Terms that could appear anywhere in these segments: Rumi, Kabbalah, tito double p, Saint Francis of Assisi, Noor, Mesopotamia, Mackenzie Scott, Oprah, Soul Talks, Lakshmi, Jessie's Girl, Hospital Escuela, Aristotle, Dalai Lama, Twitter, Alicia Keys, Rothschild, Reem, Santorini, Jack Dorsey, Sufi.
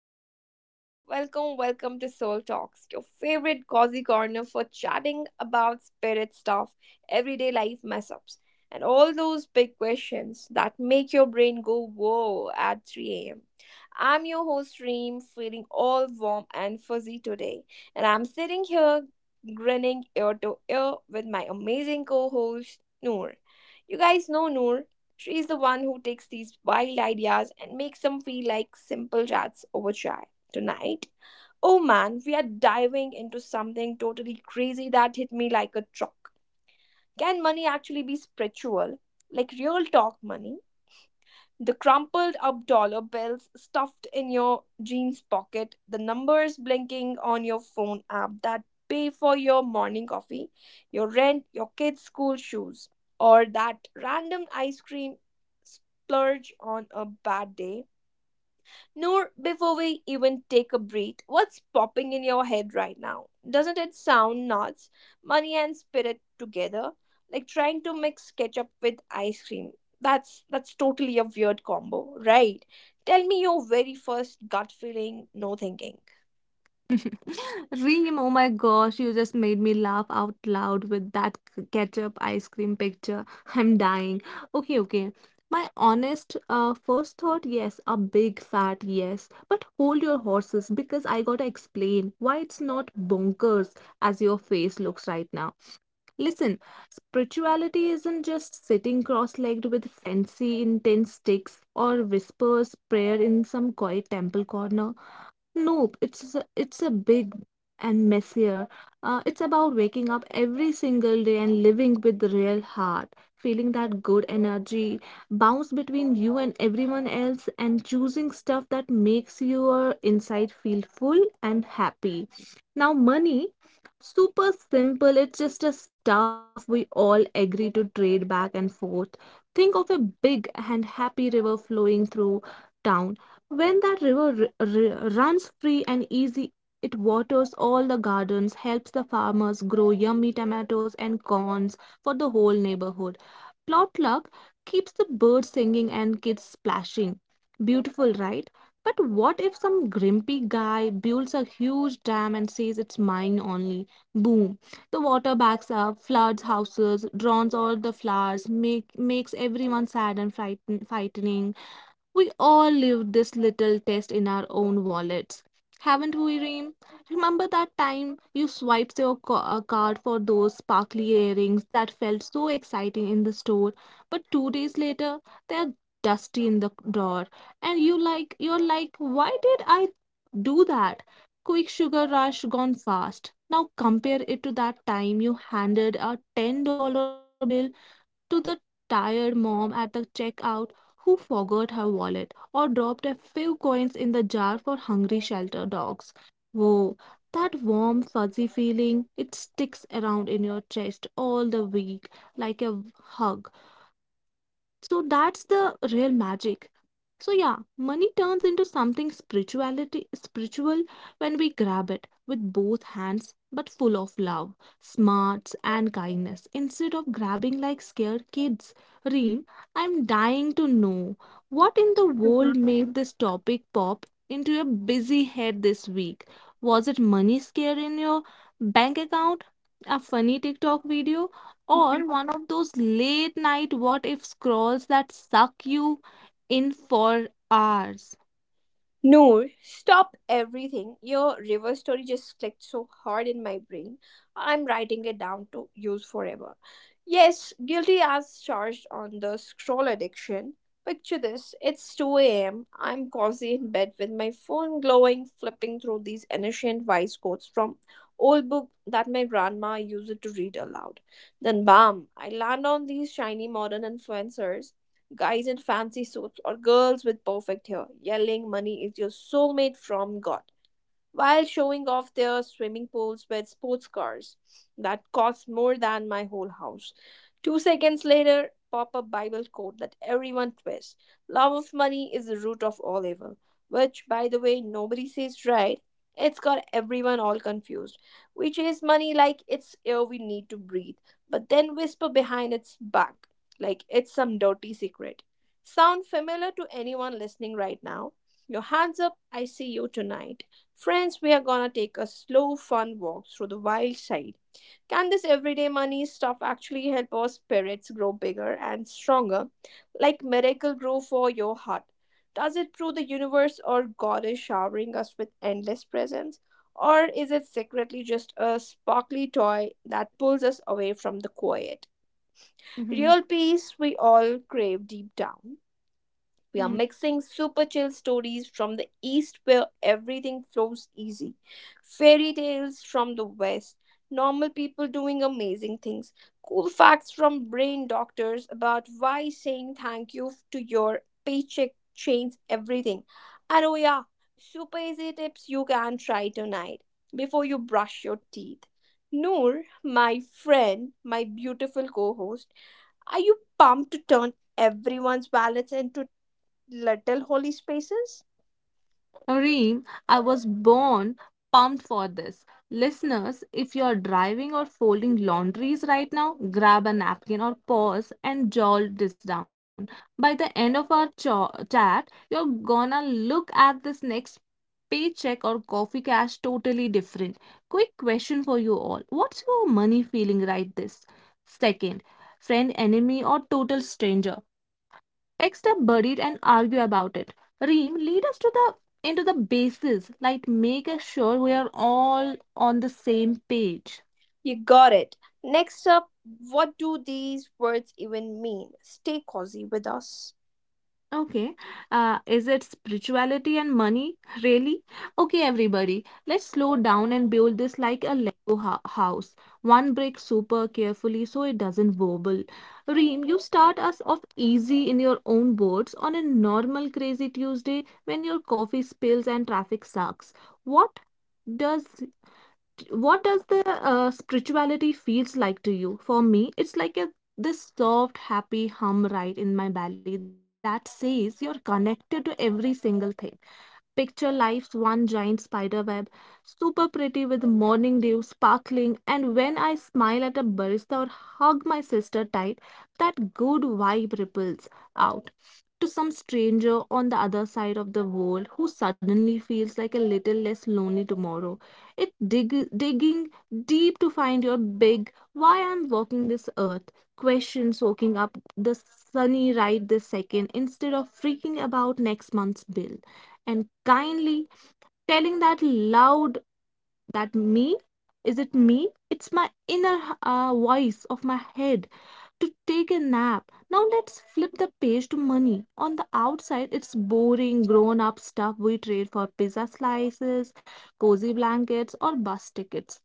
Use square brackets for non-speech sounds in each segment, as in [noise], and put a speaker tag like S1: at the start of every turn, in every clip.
S1: souls out there. Welcome, welcome to Soul Talks, your favorite cozy corner for chatting about spirit stuff, everyday life mess ups, and all those big questions that make your brain go whoa at 3 a.m. I'm your host, Reem, feeling all warm and fuzzy today, and I'm sitting here grinning ear to ear with my amazing co host, Noor. You guys know Noor. She is the one who takes these wild ideas and makes them feel like simple chats over chai. Tonight, oh man, we are diving into something totally crazy that hit me like a truck. Can money actually be spiritual? Like real talk money? The crumpled up dollar bills stuffed in your jeans pocket, the numbers blinking on your phone app that pay for your morning coffee, your rent, your kids' school shoes, or that random ice cream splurge on a bad day. Noor, before we even take a breath, what's popping in your head right now? Doesn't it sound nuts? Money and spirit together, like trying to mix ketchup with ice cream. That's totally a weird combo, right? Tell me your very first gut feeling, no thinking.
S2: [laughs] Reem, oh my gosh, you just made me laugh out loud with that ketchup ice cream picture. [laughs] I'm dying. Okay, okay. My honest first thought, yes, a big fat yes. But hold your horses because I gotta explain why it's not bonkers as your face looks right now. Listen, spirituality isn't just sitting cross legged with fancy, intense sticks or whispers prayer in some quiet temple corner. Nope, it's a big and messier. It's about waking up every single day and living with the real heart, feeling that good energy bounce between you and everyone else, and choosing stuff that makes your inside feel full and happy. Now, money, super simple. It's just a stuff we all agree to trade back and forth. Think of a big and happy river flowing through town when that river runs free and easy, it waters all the gardens, helps the farmers grow yummy tomatoes and corns for the whole neighborhood. Plotluck keeps the birds singing and kids splashing. Beautiful, right? But what if some grumpy guy builds a huge dam and says it's mine only? Boom. The water backs up, floods houses, drowns all the flowers, makes everyone sad and frightening. We all live this little test in our own wallets. Haven't we, Reem? Remember that time you swiped your card for those sparkly earrings that felt so exciting in the store, but 2 days later they're dusty in the drawer, and you're like, why did I do that? Quick sugar rush gone fast. Now compare it to that time you handed a $10 bill to the tired mom at the checkout who forgot her wallet or dropped a few coins in the jar for hungry shelter dogs. Whoa, that warm, fuzzy feeling, it sticks around in your chest all the week like a hug. So that's the real magic. So yeah, money turns into something spiritual when we grab it with both hands but full of love, smarts and kindness instead of grabbing like scared kids. Reem, I'm dying to know what in the world made this topic pop into your busy head this week. Was it money scare in your bank account? A funny TikTok video? Or one of those late night what if scrolls that suck you in for hours.
S1: Noor, stop everything. Your river story just clicked so hard in my brain. I'm writing it down to use forever. Yes, guilty as charged on the scroll addiction. Picture this, it's 2 a.m. I'm cozy in bed with my phone glowing, flipping through these ancient vice codes from old book that my grandma used to read aloud. Then, bam, I land on these shiny modern influencers, guys in fancy suits or girls with perfect hair yelling, "Money is your soulmate from God," while showing off their swimming pools with sports cars that cost more than my whole house. 2 seconds later, pop a Bible quote that everyone twists, "Love of money is the root of all evil," which, by the way, nobody says right. It's got everyone all confused. We chase money like it's air we need to breathe, but then whisper behind its back like it's some dirty secret. Sound familiar to anyone listening right now? Your hands up, I see you tonight. Friends, we are gonna take a slow, fun walk through the wild side. Can this everyday money stuff actually help our spirits grow bigger and stronger, like miracle grow for your heart? Does it prove the universe or God is showering us with endless presents? Or is it secretly just a sparkly toy that pulls us away from the quiet?
S2: Mhm.
S1: Real peace we all crave deep down. We are mixing super chill stories from the east where everything flows easy, fairy tales from the west, normal people doing amazing things, cool facts from brain doctors about why saying thank you to your paycheck changes everything. And oh, yeah, super easy tips you can try tonight before you brush your teeth. Noor, my friend, my beautiful co host, are you pumped to turn everyone's wallets into little holy spaces?
S2: Reem, I was born pumped for this. Listeners, if you're driving or folding laundries right now, grab a napkin or pause and jot this down. By the end of our chat, you're gonna look at this next paycheck or coffee cash totally different. Quick question for you all. What's your money feeling right this second? Friend, enemy, or total stranger? Text are buried and argue about it. Reem, lead us to the into the basis, like make us sure we are all on the same page.
S1: You got it. Next up, what do these words even mean? Stay cozy with us.
S2: Okay, is it spirituality and money really? Okay, everybody, let's slow down and build this like a Lego house, one brick super carefully so it doesn't wobble. Reem, you start us off easy in your own words on a normal crazy Tuesday when your coffee spills and traffic sucks. What? does what does the spirituality feels like to you. For me it's like a this soft happy hum right in my belly that says you're connected to every single thing. Picture life's one giant spider web, super pretty with morning dew sparkling, and when I smile at a barista or hug my sister tight, that good vibe ripples out to some stranger on the other side of the world who suddenly feels like a little less lonely tomorrow. It digging deep to find your big why I'm walking this earth question, soaking up the sunny right this second instead of freaking about next month's bill and kindly, telling that loud that me, is it me? It's my inner voice of my head to take a nap. Now let's flip the page to money. On the outside, it's boring, grown up stuff we trade for pizza slices, cozy blankets, or bus tickets.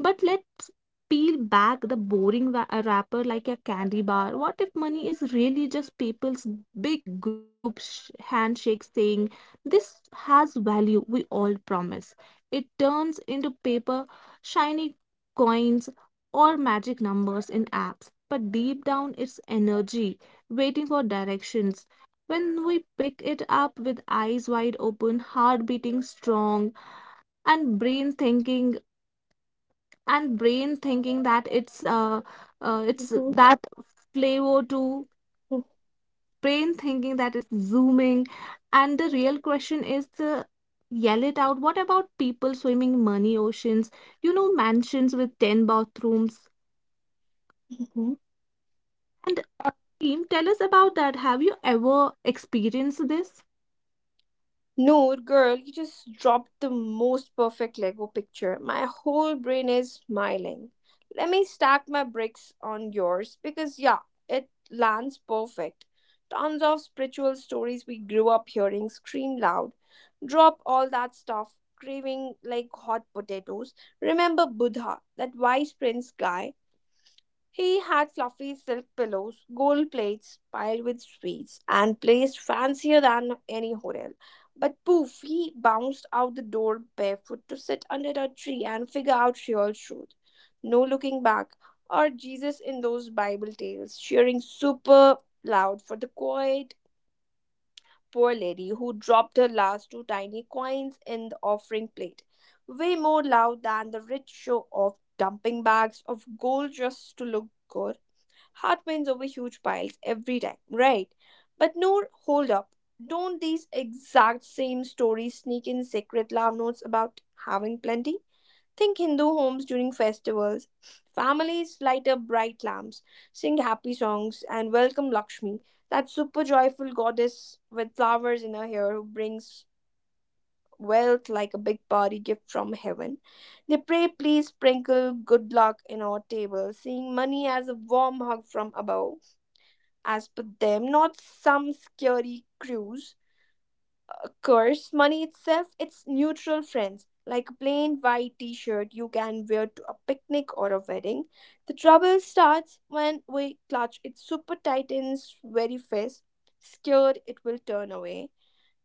S2: But let's peel back the boring wrapper like a candy bar. What if money is really just people's big group handshake saying, this has value, we all promise? It turns into paper, shiny coins or magic numbers in apps, but deep down it's energy waiting for directions. When we pick it up with eyes wide open, heart beating strong, and brain thinking and brain thinking that it's that flavor to
S1: [laughs]
S2: brain thinking that it's zooming, and the real question is to yell it out. What about people swimming money oceans? You know, mansions with 10 bathrooms. Team, tell us about that. Have you ever experienced this?
S1: Noor, girl, you just dropped the most perfect Lego picture. My whole brain is smiling. Let me stack my bricks on yours because, yeah, it lands perfect. Tons of spiritual stories we grew up hearing scream loud. Drop all that stuff, craving like hot potatoes. Remember Buddha, that wise prince guy? He had fluffy silk pillows, gold plates piled with sweets, and placed fancier than any hotel. But poof, he bounced out the door barefoot to sit under a tree and figure out real truth. No looking back. Or Jesus in those Bible tales, cheering super loud for the quiet poor lady who dropped her last two tiny coins in the offering plate, way more loud than the rich show of dumping bags of gold just to look good. Heart wins over huge piles every time, right? But no, hold up. Don't these exact same stories sneak in secret love notes about having plenty? Think Hindu homes during festivals. Families light up bright lamps, sing happy songs, and welcome Lakshmi, that super joyful goddess with flowers in her hair who brings wealth like a big party gift from heaven. They pray, "Please sprinkle good luck in our table," seeing money as a warm hug from above, as per them, not some scary cruise curse. Money itself, it's neutral, friends, like a plain white t shirt you can wear to a picnic or a wedding. The trouble starts when we clutch it super tight in its very fist, scared it will turn away.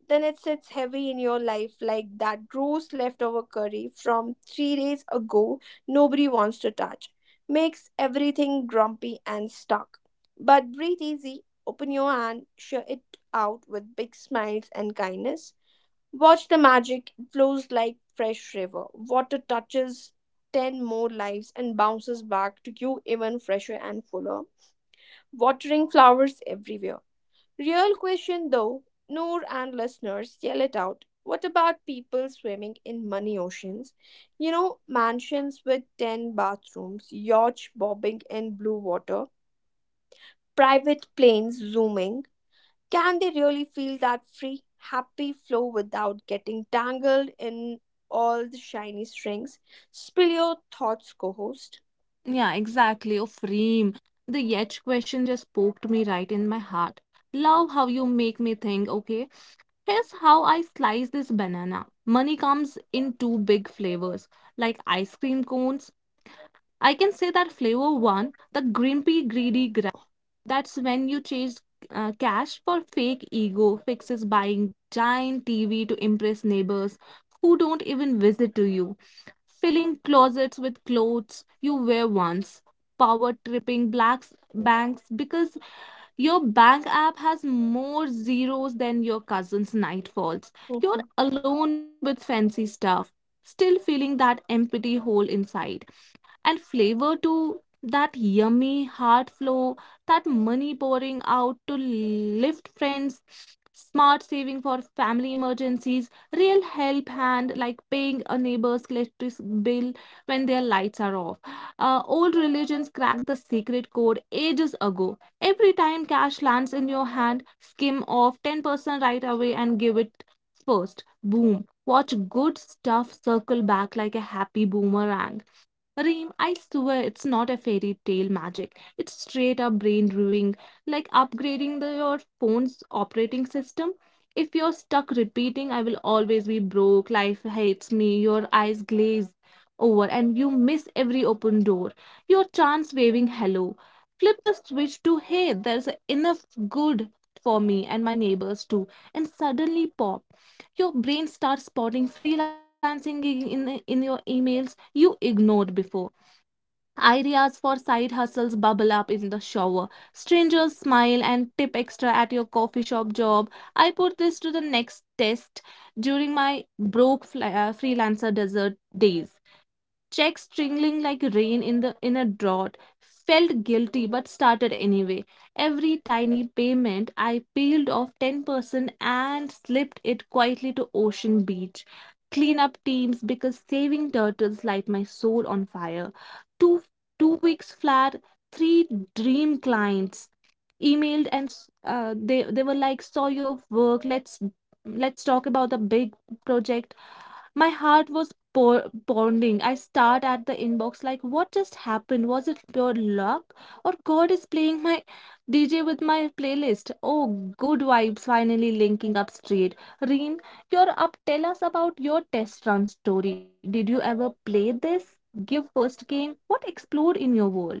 S1: Then it sits heavy in your life like that gross leftover curry from 3 days ago nobody wants to touch. Makes everything grumpy and stuck. But breathe easy, open your hand, share it out with big smiles and kindness. Watch the magic, it flows like fresh river. Water touches 10 more lives and bounces back to you even fresher and fuller, watering flowers everywhere. Real question though, Noor and listeners, yell it out. What about people swimming in money oceans? You know, mansions with 10 bathrooms, yachts bobbing in blue water, private planes zooming. Can they really feel that free, happy flow without getting tangled in all the shiny strings? Spill your thoughts, co host.
S2: Yeah, exactly. Of Reem. The Yetch question just poked me right in my heart. Love how you make me think, okay? Here's how I slice this banana. Money comes in two big flavors, like ice cream cones. I can say that flavor one, the grimpy, greedy. That's when you chase cash for fake ego fixes, buying giant TV to impress neighbors who don't even visit to you, filling closets with clothes you wear once, power tripping blacks banks because your bank app has more zeros than your cousin's nightfalls. You're alone with fancy stuff, still feeling that empty hole inside. And flavor to that yummy heart flow, that money pouring out to lift friends, smart saving for family emergencies, real help hand like paying a neighbor's electric bill when their lights are off. Old religions cracked the secret code ages ago. Every time cash lands in your hand, skim off 10% right away and give it first. Boom. Watch good stuff circle back like a happy boomerang. Reem, I swear it's not a fairy tale magic. It's straight up brain brewing, like upgrading your phone's operating system. If you're stuck repeating, I will always be broke, life hates me, your eyes glaze over, and you miss every open door, your chance waving hello. Flip the switch to hey, there's enough good for me and my neighbors too, and suddenly pop. Your brain starts spotting freelancing gig in your emails you ignored before. Ideas for side hustles bubble up in the shower. Strangers smile and tip extra at your coffee shop job. I put this to the next test during my broke freelancer desert days, checks trickling like rain in a drought. Felt guilty but started anyway. Every tiny payment, I peeled off 10% and slipped it quietly to ocean beach cleanup teams because saving turtles light my soul on fire. Two two weeks flat, three dream clients emailed and they were like, saw your work, let's talk about the big project. My heart was pounding. I stared at the inbox like, what just happened? Was it pure luck or god is playing my DJ with my playlist? Oh, good vibes finally linking up straight. Reen, you're up. Tell us about your test run story. Did you ever play this give first game? What explored in your world?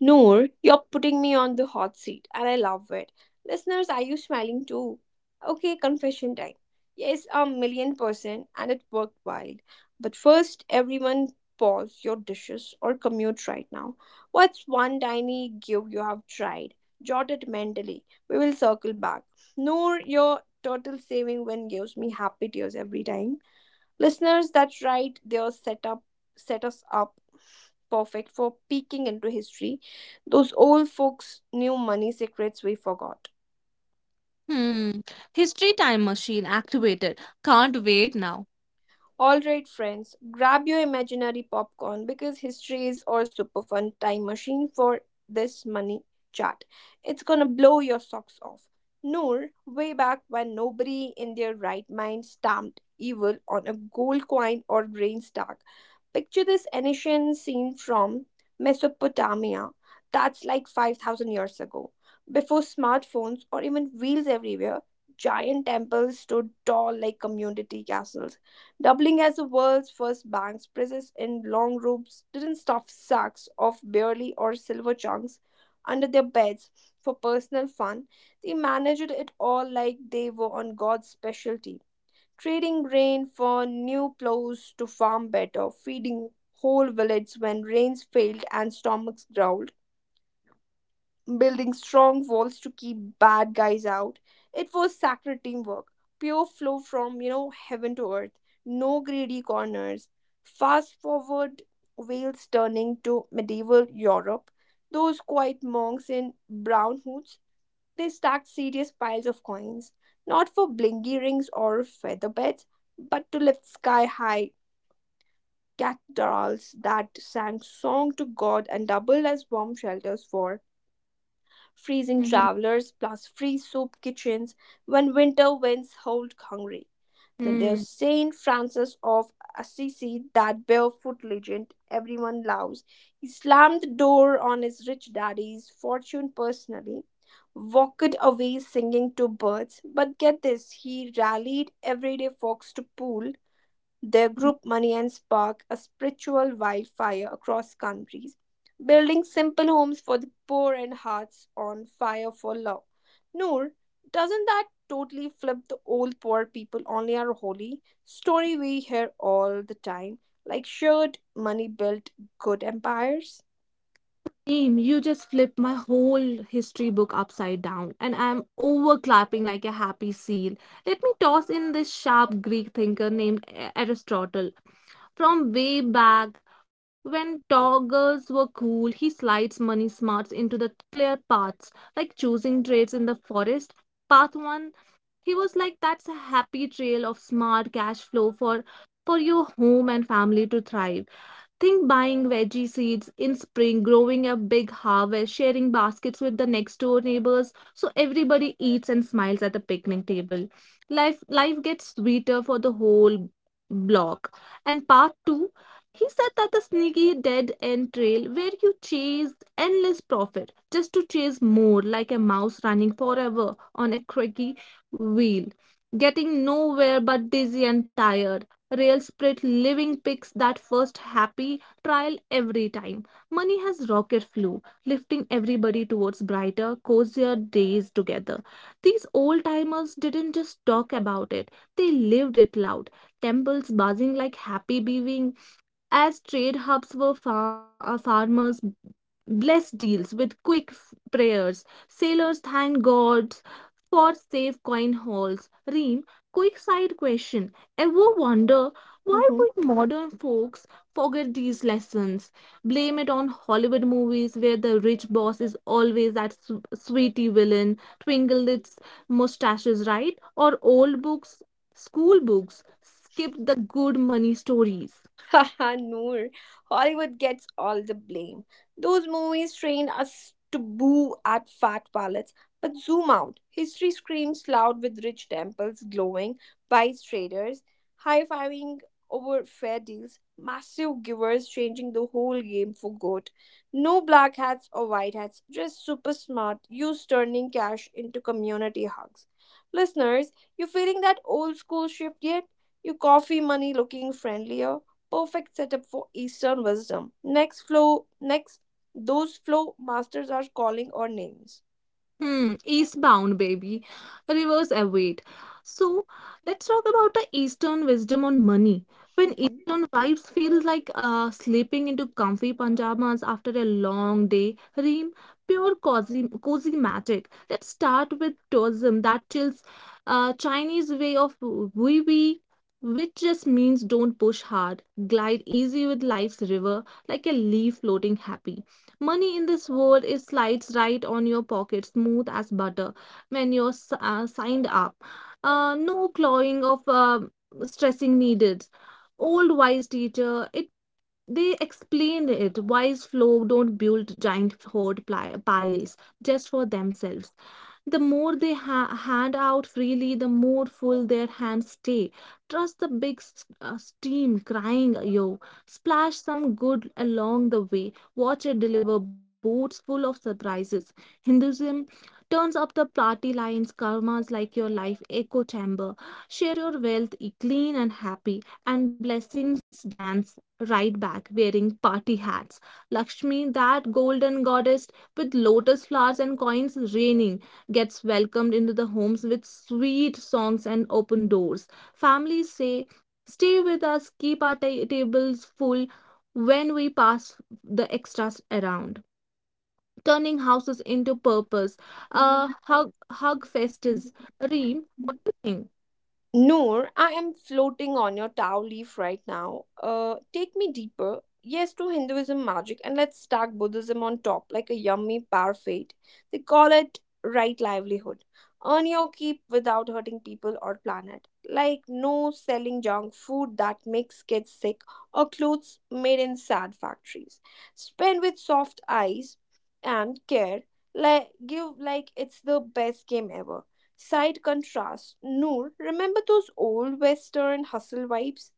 S1: Noor, you're putting me on the hot seat and I love it. Listeners, are you smiling too? Okay, confession time. Yes, 1,000,000%, and it worked wild. But first, everyone, pause your dishes or commute right now. What's one tiny give you have tried? Jot it mentally. We will circle back. Noor, your total saving win gives me happy tears every time. Listeners, that's right, set us up perfect for peeking into history. Those old folks knew money secrets we forgot.
S2: Hmm. History time machine activated. Can't wait now.
S1: All right, friends, grab your imaginary popcorn because history is our super fun time machine for this money chat. It's gonna blow your socks off. Noor, way back when, nobody in their right mind stamped evil on a gold coin or grain stack. Picture this ancient scene from Mesopotamia, that's like 5,000 years ago. Before smartphones or even wheels everywhere, giant temples stood tall like community castles, Dublin as the world's first banks. Presses in long robes didn't stuff sacks of barley or silver chunks under their beds for personal fun. They managed it all like they were on God's specialty, trading grain for new plows to farm better, feeding whole villages when rains failed and stomachs growled, building strong walls to keep bad guys out. It was sacred teamwork, pure flow from, you know, heaven to earth, no greedy corners. Fast forward, Wales turning to medieval Europe. Those quiet monks in brown hoods, they stacked serious piles of coins, not for blingy rings or feather beds, but to lift sky high cathedrals that sang song to God and doubled as bomb shelters for freezing
S2: Mm-hmm.
S1: travelers, plus free soup kitchens when winter winds hold hungry. Then
S2: Hmm.
S1: there's Saint Francis of Assisi, that barefoot legend everyone loves. He slammed the door on his rich daddy's fortune personally, walked away singing to birds. But get this, he rallied everyday folks to pool their group money and spark a spiritual wildfire across countries, building simple homes for the poor and hearts on fire for love. Noor, doesn't that totally flip the old poor people only are holy story we hear all the time? Like, should money build good empires?
S2: Team, you just flipped my whole history book upside down, and I'm over clapping like a happy seal. Let me toss in this sharp Greek thinker named Aristotle. From way back when toggles were cool, he slides money smarts into the clear paths, like choosing trades in the forest. Path one, he was like, that's a happy trail of smart cash flow for your home and family to thrive. Think buying veggie seeds in spring, growing a big harvest, sharing baskets with the next door neighbors so everybody eats and smiles at the picnic table. Life gets sweeter for the whole block. And part 2, he said that the sneaky dead end trail where you chase endless profit just to chase more like a mouse running forever on a creaky wheel getting nowhere but dizzy and tired. Real Spirit Living picks that first happy trial every time. Money has rocket flew, lifting everybody towards brighter, cozier days together. These old timers didn't just talk about it, they lived it loud. Temples buzzing like happy bees, as trade hubs were farmers blessed deals with quick prayers, sailors thanked gods for safe coin hauls. Reem, quick side question. Ever wonder why
S1: Mm-hmm.
S2: would modern folks forget these lessons? Blame it on Hollywood movies where the rich boss is always that sweetie villain, twinkle its mustaches, right? Or old books, school books, skip the good money stories.
S1: Haha, Noor. Hollywood gets all the blame. Those movies train us to boo at fat palates, but zoom out. History screams loud with rich temples glowing, wise traders high fiving over fair deals, massive givers changing the whole game for good. No black hats or white hats, just super smart youths turning cash into community hugs. Listeners, you feeling that old school shift yet? Your coffee money looking friendlier? Perfect setup for Eastern wisdom. Next flow, next, those flow masters are calling our names.
S2: Hmm, eastbound, baby. Rivers await. So let's talk about the Eastern wisdom on money. When
S1: Mhm.
S2: Eastern wives feel like slipping into comfy pajamas after a long day, Reem, pure cozy, cozy magic. Let's start with tourism that chills Chinese way of wee wee, which just means don't push hard, glide easy with life's river like a leaf floating happy. Money in this world it slides right on your pocket, smooth as butter, when you're signed up. No clawing of stressing needed. Old wise teacher, it they explained it wise folk don't build giant hoard piles just for themselves, the more they hand out freely the more full their hands stay, trust the big steam crying yo, splash some good along the way, watch it deliver boats full of surprises. Hinduism turns up the party lines, karmas like your life echo chamber, share your wealth clean and happy, and blessings dance right back wearing party hats. Lakshmi, that golden goddess with lotus flowers and coins raining, gets welcomed into the homes with sweet songs and open doors. Families say, stay with us, keep our tables full when we pass the extras around. Turning houses into purpose. Hug, hug festus.
S1: Mhm.
S2: Reem, what do you think?
S1: Noor, I am floating on your towel leaf right now. Take me deeper. Yes to Hinduism magic, and let's stack Buddhism on top like a yummy parfait. They call it right livelihood. Earn your keep without hurting people or planet. Like no selling junk food that makes kids sick or clothes made in sad factories. Spend with soft eyes and care. Like give like it's the best game ever. Side contrast, Noor, remember those old western hustle vibes?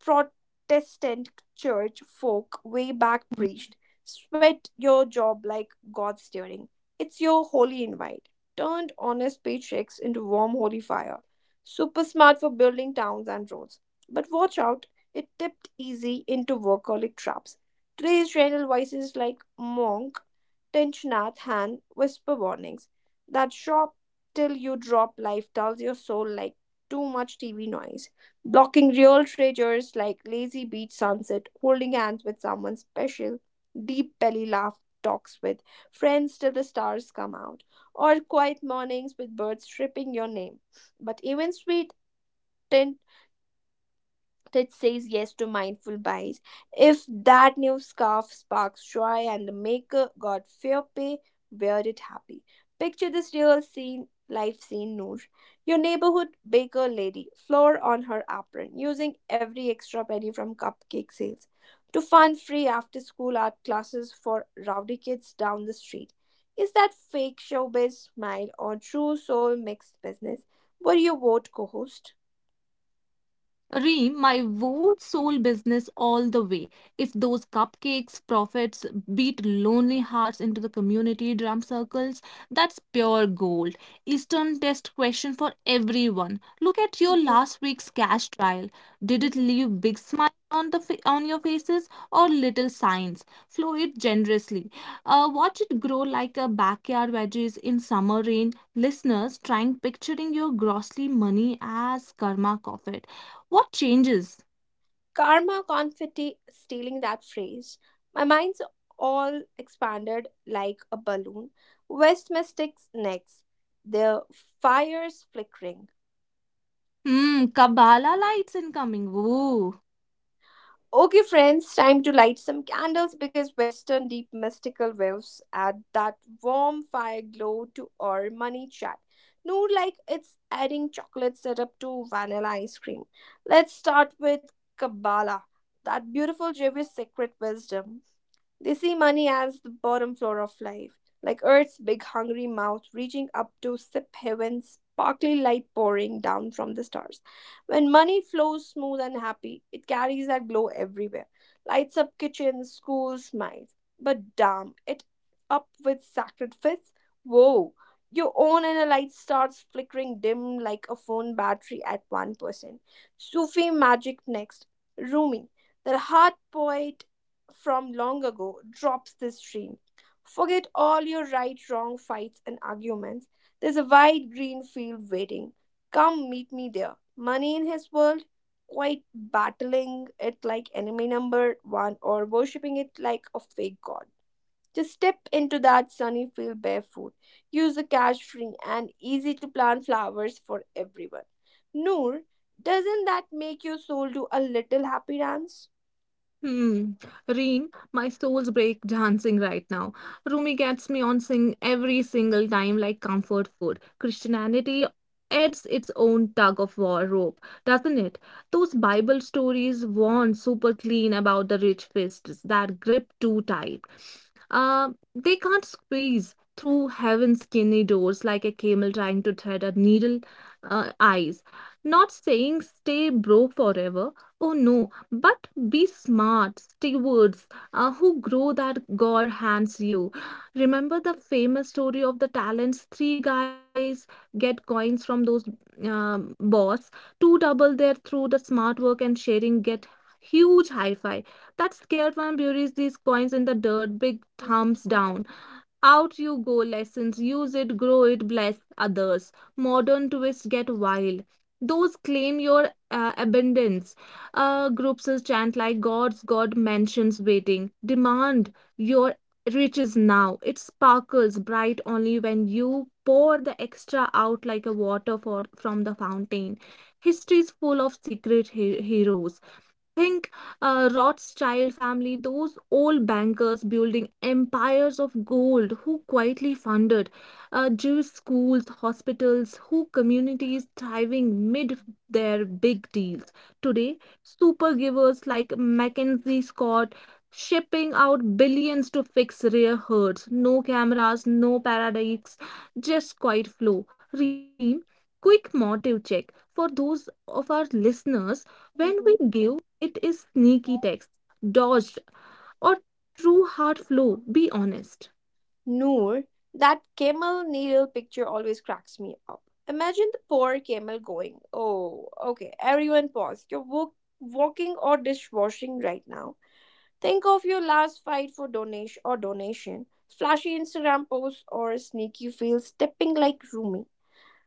S1: Protestant church folk way back preached, sweat your job like God's during. It's your holy invite. Turned honest paychecks into warm holy fire. Super smart for building towns and roads. But watch out, it tipped easy into workaholic traps. Today's channel voices like Monk, Tenchnath, Han, whisper warnings. That shop till you drop life dulls your soul like too much TV noise blocking real treasures like lazy beach sunset, holding hands with someone special, deep belly laugh talks with friends till the stars come out, or quiet mornings with birds chirping your name. But even sweet that says yes to mindful buys. If that new scarf sparks joy and the maker got fair pay, wear it happy. Picture this real scene, life scene, Noor. Your neighborhood baker lady, flour on her apron, using every extra penny from cupcake sales to fund free after school art classes for rowdy kids down the street. Is that fake showbiz smile or true soul mixed business? Were you vote co host?
S2: Reem, my vote soul business all the way. If those cupcakes profits beat lonely hearts into the community drum circles, that's pure gold. Eastern test question for everyone. Look at your
S1: Mhm,
S2: last week's cash trial. Did it
S1: mhm.
S2: leave big smile on on your faces or little signs? Flow it generously. Watch it grow like a backyard veggies in summer rain. Listeners, trying picturing your grossly money as karma coffee. What changes?
S1: Karma confetti, stealing that phrase. My mind's all expanded like a balloon. West Mystic's necks, their fires flickering.
S2: Hmm, Kabbalah lights incoming. Ooh.
S1: Okay, friends, time to light some candles because Western deep mystical waves add that warm fire glow to our money chat. No, like it's adding chocolate syrup to vanilla ice cream. Let's start with Kabbalah, that beautiful Jewish secret wisdom. They see money as the bottom floor of life, like Earth's big hungry mouth reaching up to sip heaven's sparkly light pouring down from the stars. When money flows smooth and happy, it carries that glow everywhere, lights up kitchens, schools, minds. But damn, it up with sacred fists? Whoa! Your own inner light starts flickering dim like a phone battery at 1%. Sufi magic next. Rumi, the heart poet from long ago drops this stream. Forget all your right, wrong fights and arguments. There's a wide green field waiting. Come meet me there. Money in his world, quite battling it like enemy number one or worshipping it like a fake god. Just step into that sunny field barefoot. Use the cash free and easy to plant flowers for everyone. Noor, doesn't that make your soul do a little happy dance?
S2: Hmm. Reem, my soul's break dancing right now. Rumi gets me on sing every single time like comfort food. Christianity adds its own tug of war rope, doesn't it? Those Bible stories warn super clean about the rich fists that grip too tight. Uh, they can't squeeze through heaven's skinny doors like a camel trying to thread a needle eyes. Not saying stay broke forever. Oh no, but be smart stewards who grow that God hands you. Remember the famous story of the talents, three guys get coins from those boss, two double their through the smart work and sharing get huge hi fi. That scared one buries these coins in the dirt, big
S1: Mhm.
S2: thumbs down. Out you go, lessons. Use it, grow it, bless others. Modern twist. Get wild. Those claim your abundance. Groups will chant like gods, God mentions waiting. Demand your riches now. It sparkles bright only when you pour the extra out like a water for, from the fountain. History is full of secret heroes think Rothschild family, those old bankers building empires of gold who quietly funded Jewish schools, hospitals, who communities thriving mid their big deals. Today, super givers like Mackenzie Scott shipping out billions to fix rare herds. No cameras, no paradikes, just quiet flow. Reem, quick motive check for those of our listeners when we
S1: Mhm.
S2: give it is sneaky text, dodged, or true heart flow, be honest.
S1: Noor, that camel needle picture always cracks me up. Imagine the poor camel going, oh, okay, everyone pause. You're walking or dishwashing right now. Think of your last fight for donation or donation, flashy Instagram posts, or sneaky feel stepping like Rumi.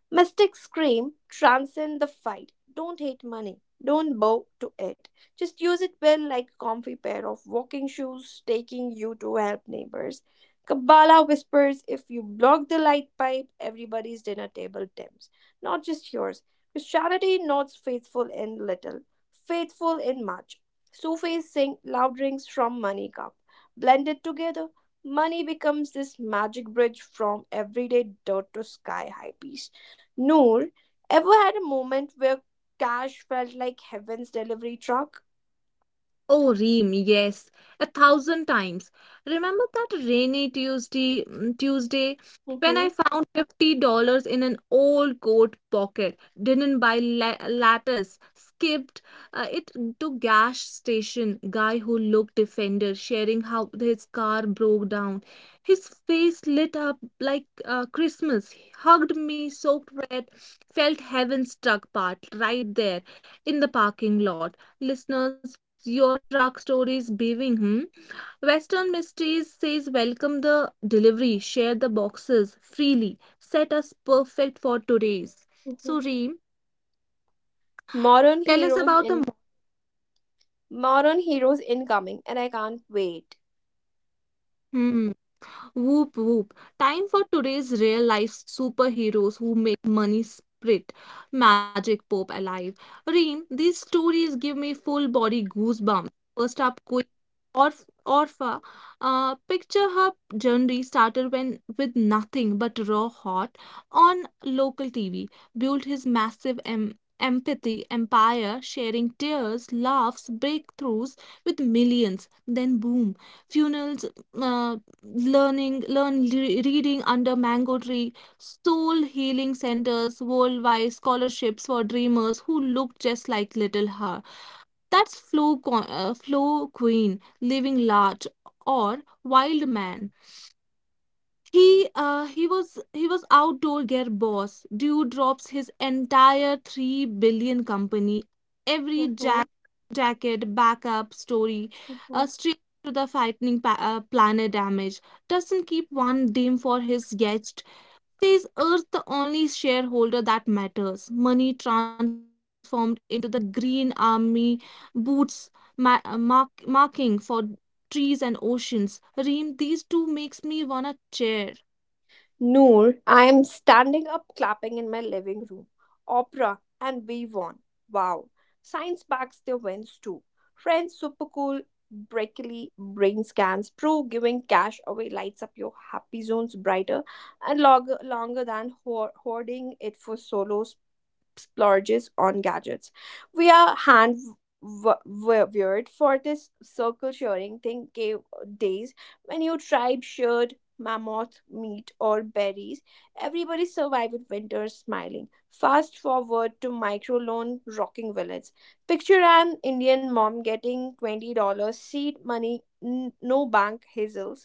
S1: Mystic scream, transcend the fight. Don't hate money. Don't bow to it. Just use it well like a comfy pair of walking shoes taking you to help neighbors. Kabbalah whispers if you block the light pipe, everybody's dinner table dims, not just yours. Christianity nods faithful in little, faithful in much. Sufis sing loud rings from money cup. Blended together, money becomes this magic bridge from everyday dirt to sky high peace. Noor, ever had a moment where cash felt like heaven's delivery truck?
S2: Oh, Reem, yes, a thousand times. Remember that rainy Tuesday, mm, Tuesday when I
S1: Hmm.
S2: found $50 in an old coat pocket, didn't buy la lattice, skipped it to gas station, guy who looked defender sharing how his car broke down. His face lit up like Christmas. He hugged me, soaked wet, felt heaven struck part right there in the parking lot. Listeners, your truck stories beaving, hmm? Western mysteries says welcome the delivery, share the boxes freely, set us perfect for today's.
S1: Hmm.
S2: So Reem,
S1: Modern
S2: tell us
S1: heroes
S2: about
S1: in
S2: the.
S1: Modern heroes incoming, and I can't wait.
S2: Hmm. Whoop whoop. Time for today's real life superheroes who make money sprit. Magic Pope alive. Reem, these stories give me full body goosebumps. First up, Queen Orpha. Picture her journey started when with nothing but raw heart on local TV. Built his massive empathy empire, sharing tears, laughs, breakthroughs with millions. Then boom, funerals, uh, learning learn reading under mango tree, soul healing centers worldwide scholarships for dreamers who look just like little her. That's flow flow queen living large. Or wild man, he was outdoor gear boss. Dewdrops his entire 3 billion company, every
S1: Hmm.
S2: jacket backup story,
S1: Hmm.
S2: straight to the frightening planet damage. Doesn't keep one dime for his guest. Says Earth the only shareholder that matters. Money transformed into the green army boots marking for trees and oceans. Reem, these two makes me wanna cheer.
S1: Noor, I am standing up clapping in my living room. Opera, and we won. Wow. Science backs their wins too. Friends, super cool, breakily brain scans, pro giving cash away lights up your happy zones brighter and longer, longer than hoarding it for solos splurges on gadgets. We are hand weird for this circle sharing thing gave days when your tribe shared mammoth meat or berries. Everybody survived with winter smiling. Fast forward to microloan rocking village. Picture an Indian mom getting $20 seed money, no bank hassles,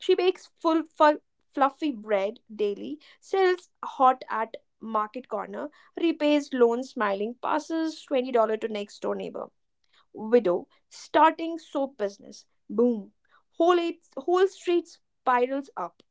S1: she bakes fluffy bread daily, sells hot at market corner, repays loans smiling, passes $20 to next door neighbor. Widow, starting soap business. Boom. Whole, eight, whole street spirals up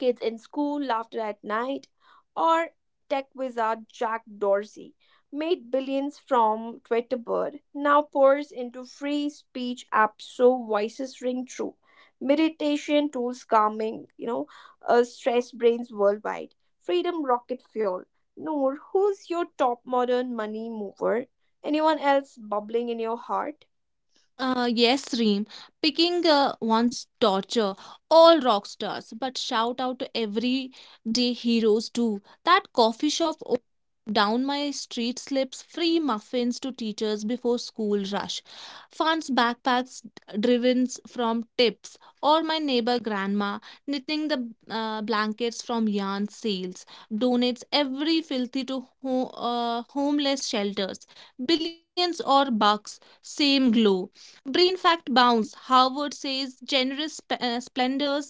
S1: kids in school, laughter at night, or tech wizard Jack Dorsey made billions from Twitterbird, now pours into free speech apps so voices ring true. Meditation tools calming, stress brains worldwide. Freedom rocket fuel. Noor, who's your top modern money mover? Anyone else bubbling in your heart?
S2: Yes, Reem. Picking one's torture. All rock stars, but shout out to everyday heroes too. That coffee shop down my street slips free muffins to teachers before school rush. Funds backpacks driven from tips, or my neighbor grandma knitting the blankets from yarn sales. Donates every filthy to homeless shelters. Billions or bucks, same glow. Brain fact bounce. Harvard says generous splendors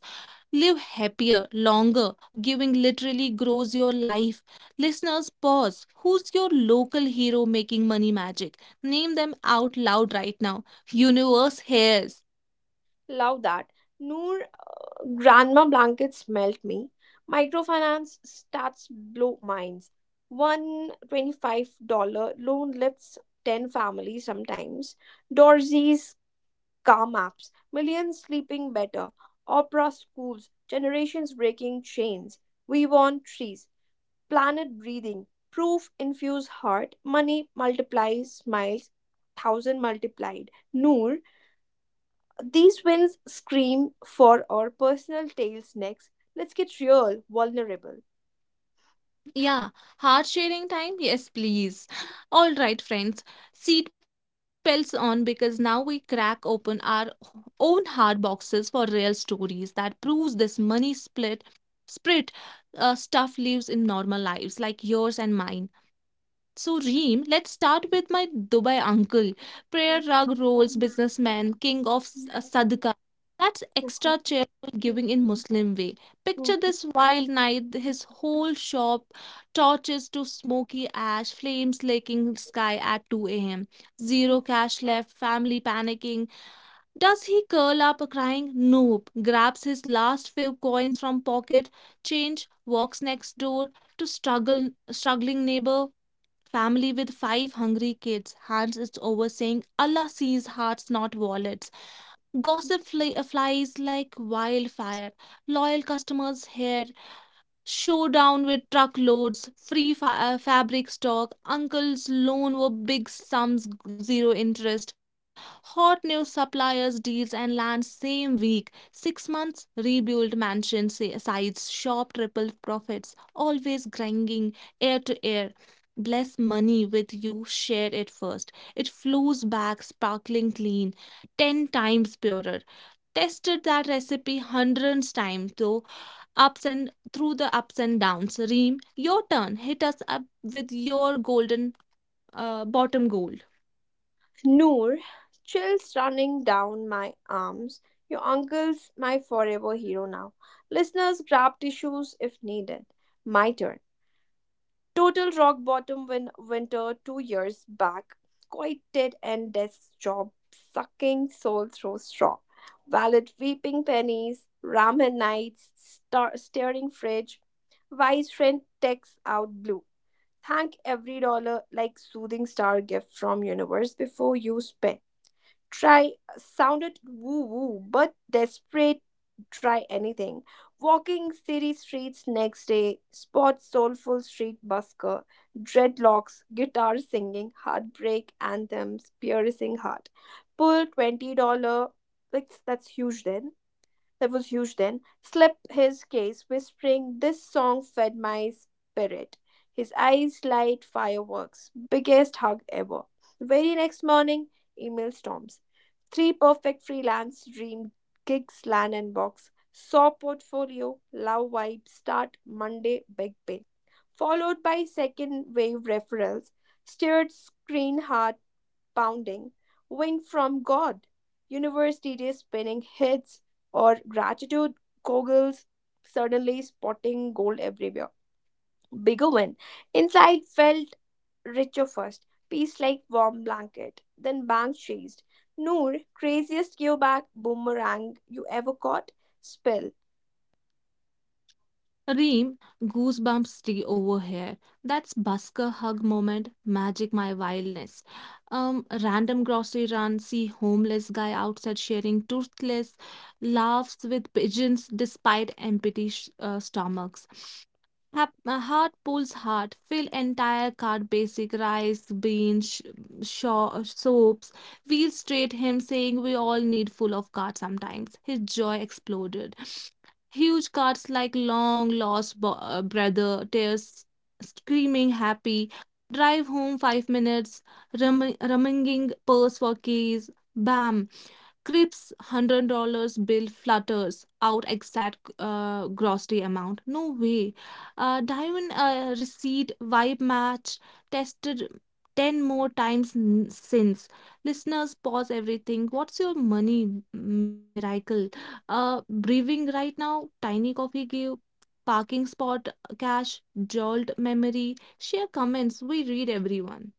S2: live happier, longer. Giving literally grows your life. Listeners, pause. Who's your local hero making money magic? Name them out loud right now. Universe hears.
S1: Love that. Noor, Grandma blankets melt me. Microfinance stats blow minds. One twenty-five dollar loan lifts 10 families sometimes. Dorsey's car maps. Millions sleeping better. Opera schools. Generations breaking chains. We want trees. Planet breathing. Proof infuse heart. Money multiplies smiles. Thousand multiplied. Noor, these wins scream for our personal tales next. Let's get real, vulnerable.
S2: Yeah, hard sharing time? Yes, please. All right, friends. Seat belts on because now we crack open our own hard boxes for real stories that proves this money split split, stuff lives in normal lives like yours and mine. So, Reem, let's start with my Dubai uncle, prayer
S1: Mhm,
S2: rug rolls
S1: mhm,
S2: businessman, king of sadaqah. That's
S1: mhm,
S2: extra charitable giving in Muslim way. Picture this wild night, his whole shop, torches to smoky ash, flames licking sky at 2 a.m.
S1: mhm.
S2: Zero cash left, family panicking. Does he curl up crying? Nope. Grabs his last few coins from pocket, change, walks next door to struggle struggling neighbor family with 5 hungry kids, hands it over saying allah sees hearts not wallets. Gossip flies like wildfire, loyal customers here. Showdown with truckloads, free fabric stock, uncles loan were big sums, zero interest, hot new suppliers deals and land same week, 6 months rebuilt mansion sa- sites, shop triple profits, always grinding air to air. Bless money with you, share it first. It flows back sparkling clean, 10 times purer. Tested that recipe hundreds times though ups and through the ups and downs. Reem, your turn. Hit us up with your golden bottom gold.
S1: Noor, chills running down my arms. Your uncle's my forever hero now. Listeners, grab tissues if needed. My turn. Total rock bottom winter 2 years back, quieted and desk job sucking soul through straw. Valet weeping pennies, ramen nights, staring fridge. Vice friend texts out blue. Thank every dollar like soothing star gift from universe before you spend try sounded woo woo but desperate try anything walking city streets next day spot soulful street busker dreadlocks guitar singing heartbreak anthems piercing heart pull $20 like that's huge then that was huge then, slapped his case, whispering, this song fed my spirit. His eyes light fireworks. Biggest hug ever. The very next morning, email storms. Three perfect freelance dream gigs, land and box. Saw portfolio, love vibe, start Monday, big pay. Followed by second wave referrals. Steered screen heart pounding, wind from God, universe DJs spinning hits, or gratitude goggles suddenly spotting gold everywhere. Bigger win. Inside felt richer first, peace like warm blanket, then bang chased. Noor, craziest gearback boomerang you ever caught? Spill.
S2: Reem, goosebumps stay over here. That's busker hug moment, magic my wildness. Random grocery run, see homeless guy outside sharing toothless laughs with pigeons despite empty stomachs. Heart pulls heart. Fill entire cart basic rice, beans, soaps. Wheel straight him saying we all need full of cart sometimes. His joy exploded. Huge cuts like long lost brother, tears, screaming happy, drive home 5 minutes, rumming, rummaging purse for keys, bam, Crip's $100 bill flutters out exact grocery amount. No way. Diamond receipt vibe match tested 10 more times since. Listeners, pause everything. What's your money miracle? Breathing right now, tiny coffee give, parking spot cash, jolt memory. Share comments, we read everyone.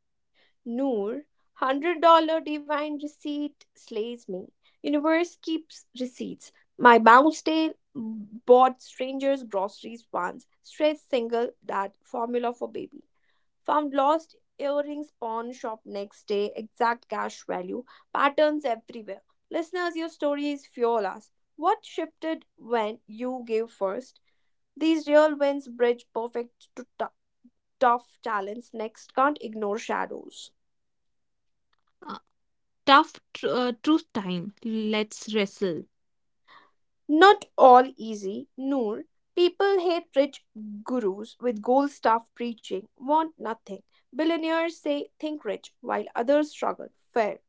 S1: Noor, $100 divine receipt slays me. Universe keeps receipts. My bounce tale bought strangers groceries once. Straight single, that formula for baby. Found lost earrings pawn shop next day. Exact cash value. Patterns everywhere. Listeners, your stories fuel us. What shifted when you gave first? These real wins bridge perfect to tough talents. Next, can't ignore shadows.
S2: Uh, Tough truth time, let's wrestle.
S1: Not all easy, Noor. People hate rich gurus with gold staff preaching, want nothing. Billionaires say think rich while others struggle. Fair.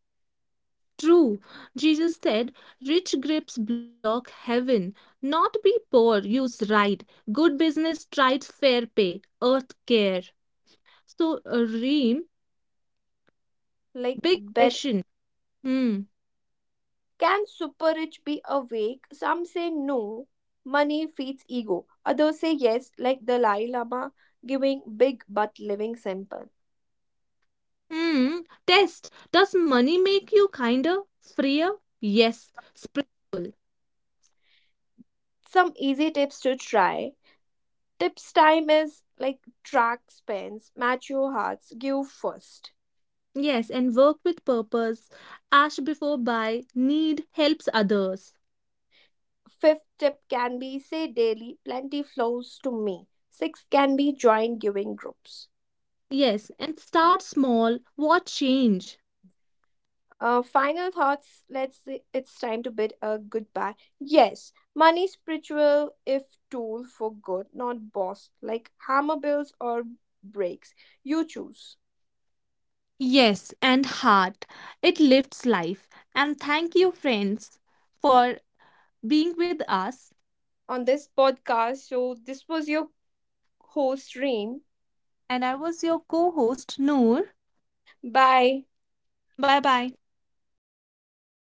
S2: True, Jesus said, rich grapes block heaven. Not be poor, use right. Good business, tried fair pay, earth care. So, Reem,
S1: Like
S2: big
S1: bed.
S2: question. Hmm.
S1: Can super rich be awake? Some say no. Money feeds ego. Others say yes, like Dalai Lama, giving big but living simple.
S2: Hmm. Test. Does money make you kinder, freer? Yes. Spiritual.
S1: Some easy tips to try. Tips time is like track spends, match your hearts, give first.
S2: Yes. And work with purpose. Ash before buy. Need helps others.
S1: Fifth tip can be say daily, plenty flows to me. Six can be join giving groups.
S2: Yes. And start small. What change?
S1: Final thoughts. Let's say it's time to bid a goodbye. Yes, money spiritual if tool for good, not boss. Like hammer bills or breaks, you choose.
S2: Yes, and heart. It lifts life. And thank you, friends, for being with us.
S1: On this podcast, so this was your host Reem.
S2: And I was your co host, Noor.
S1: Bye.
S2: Bye bye.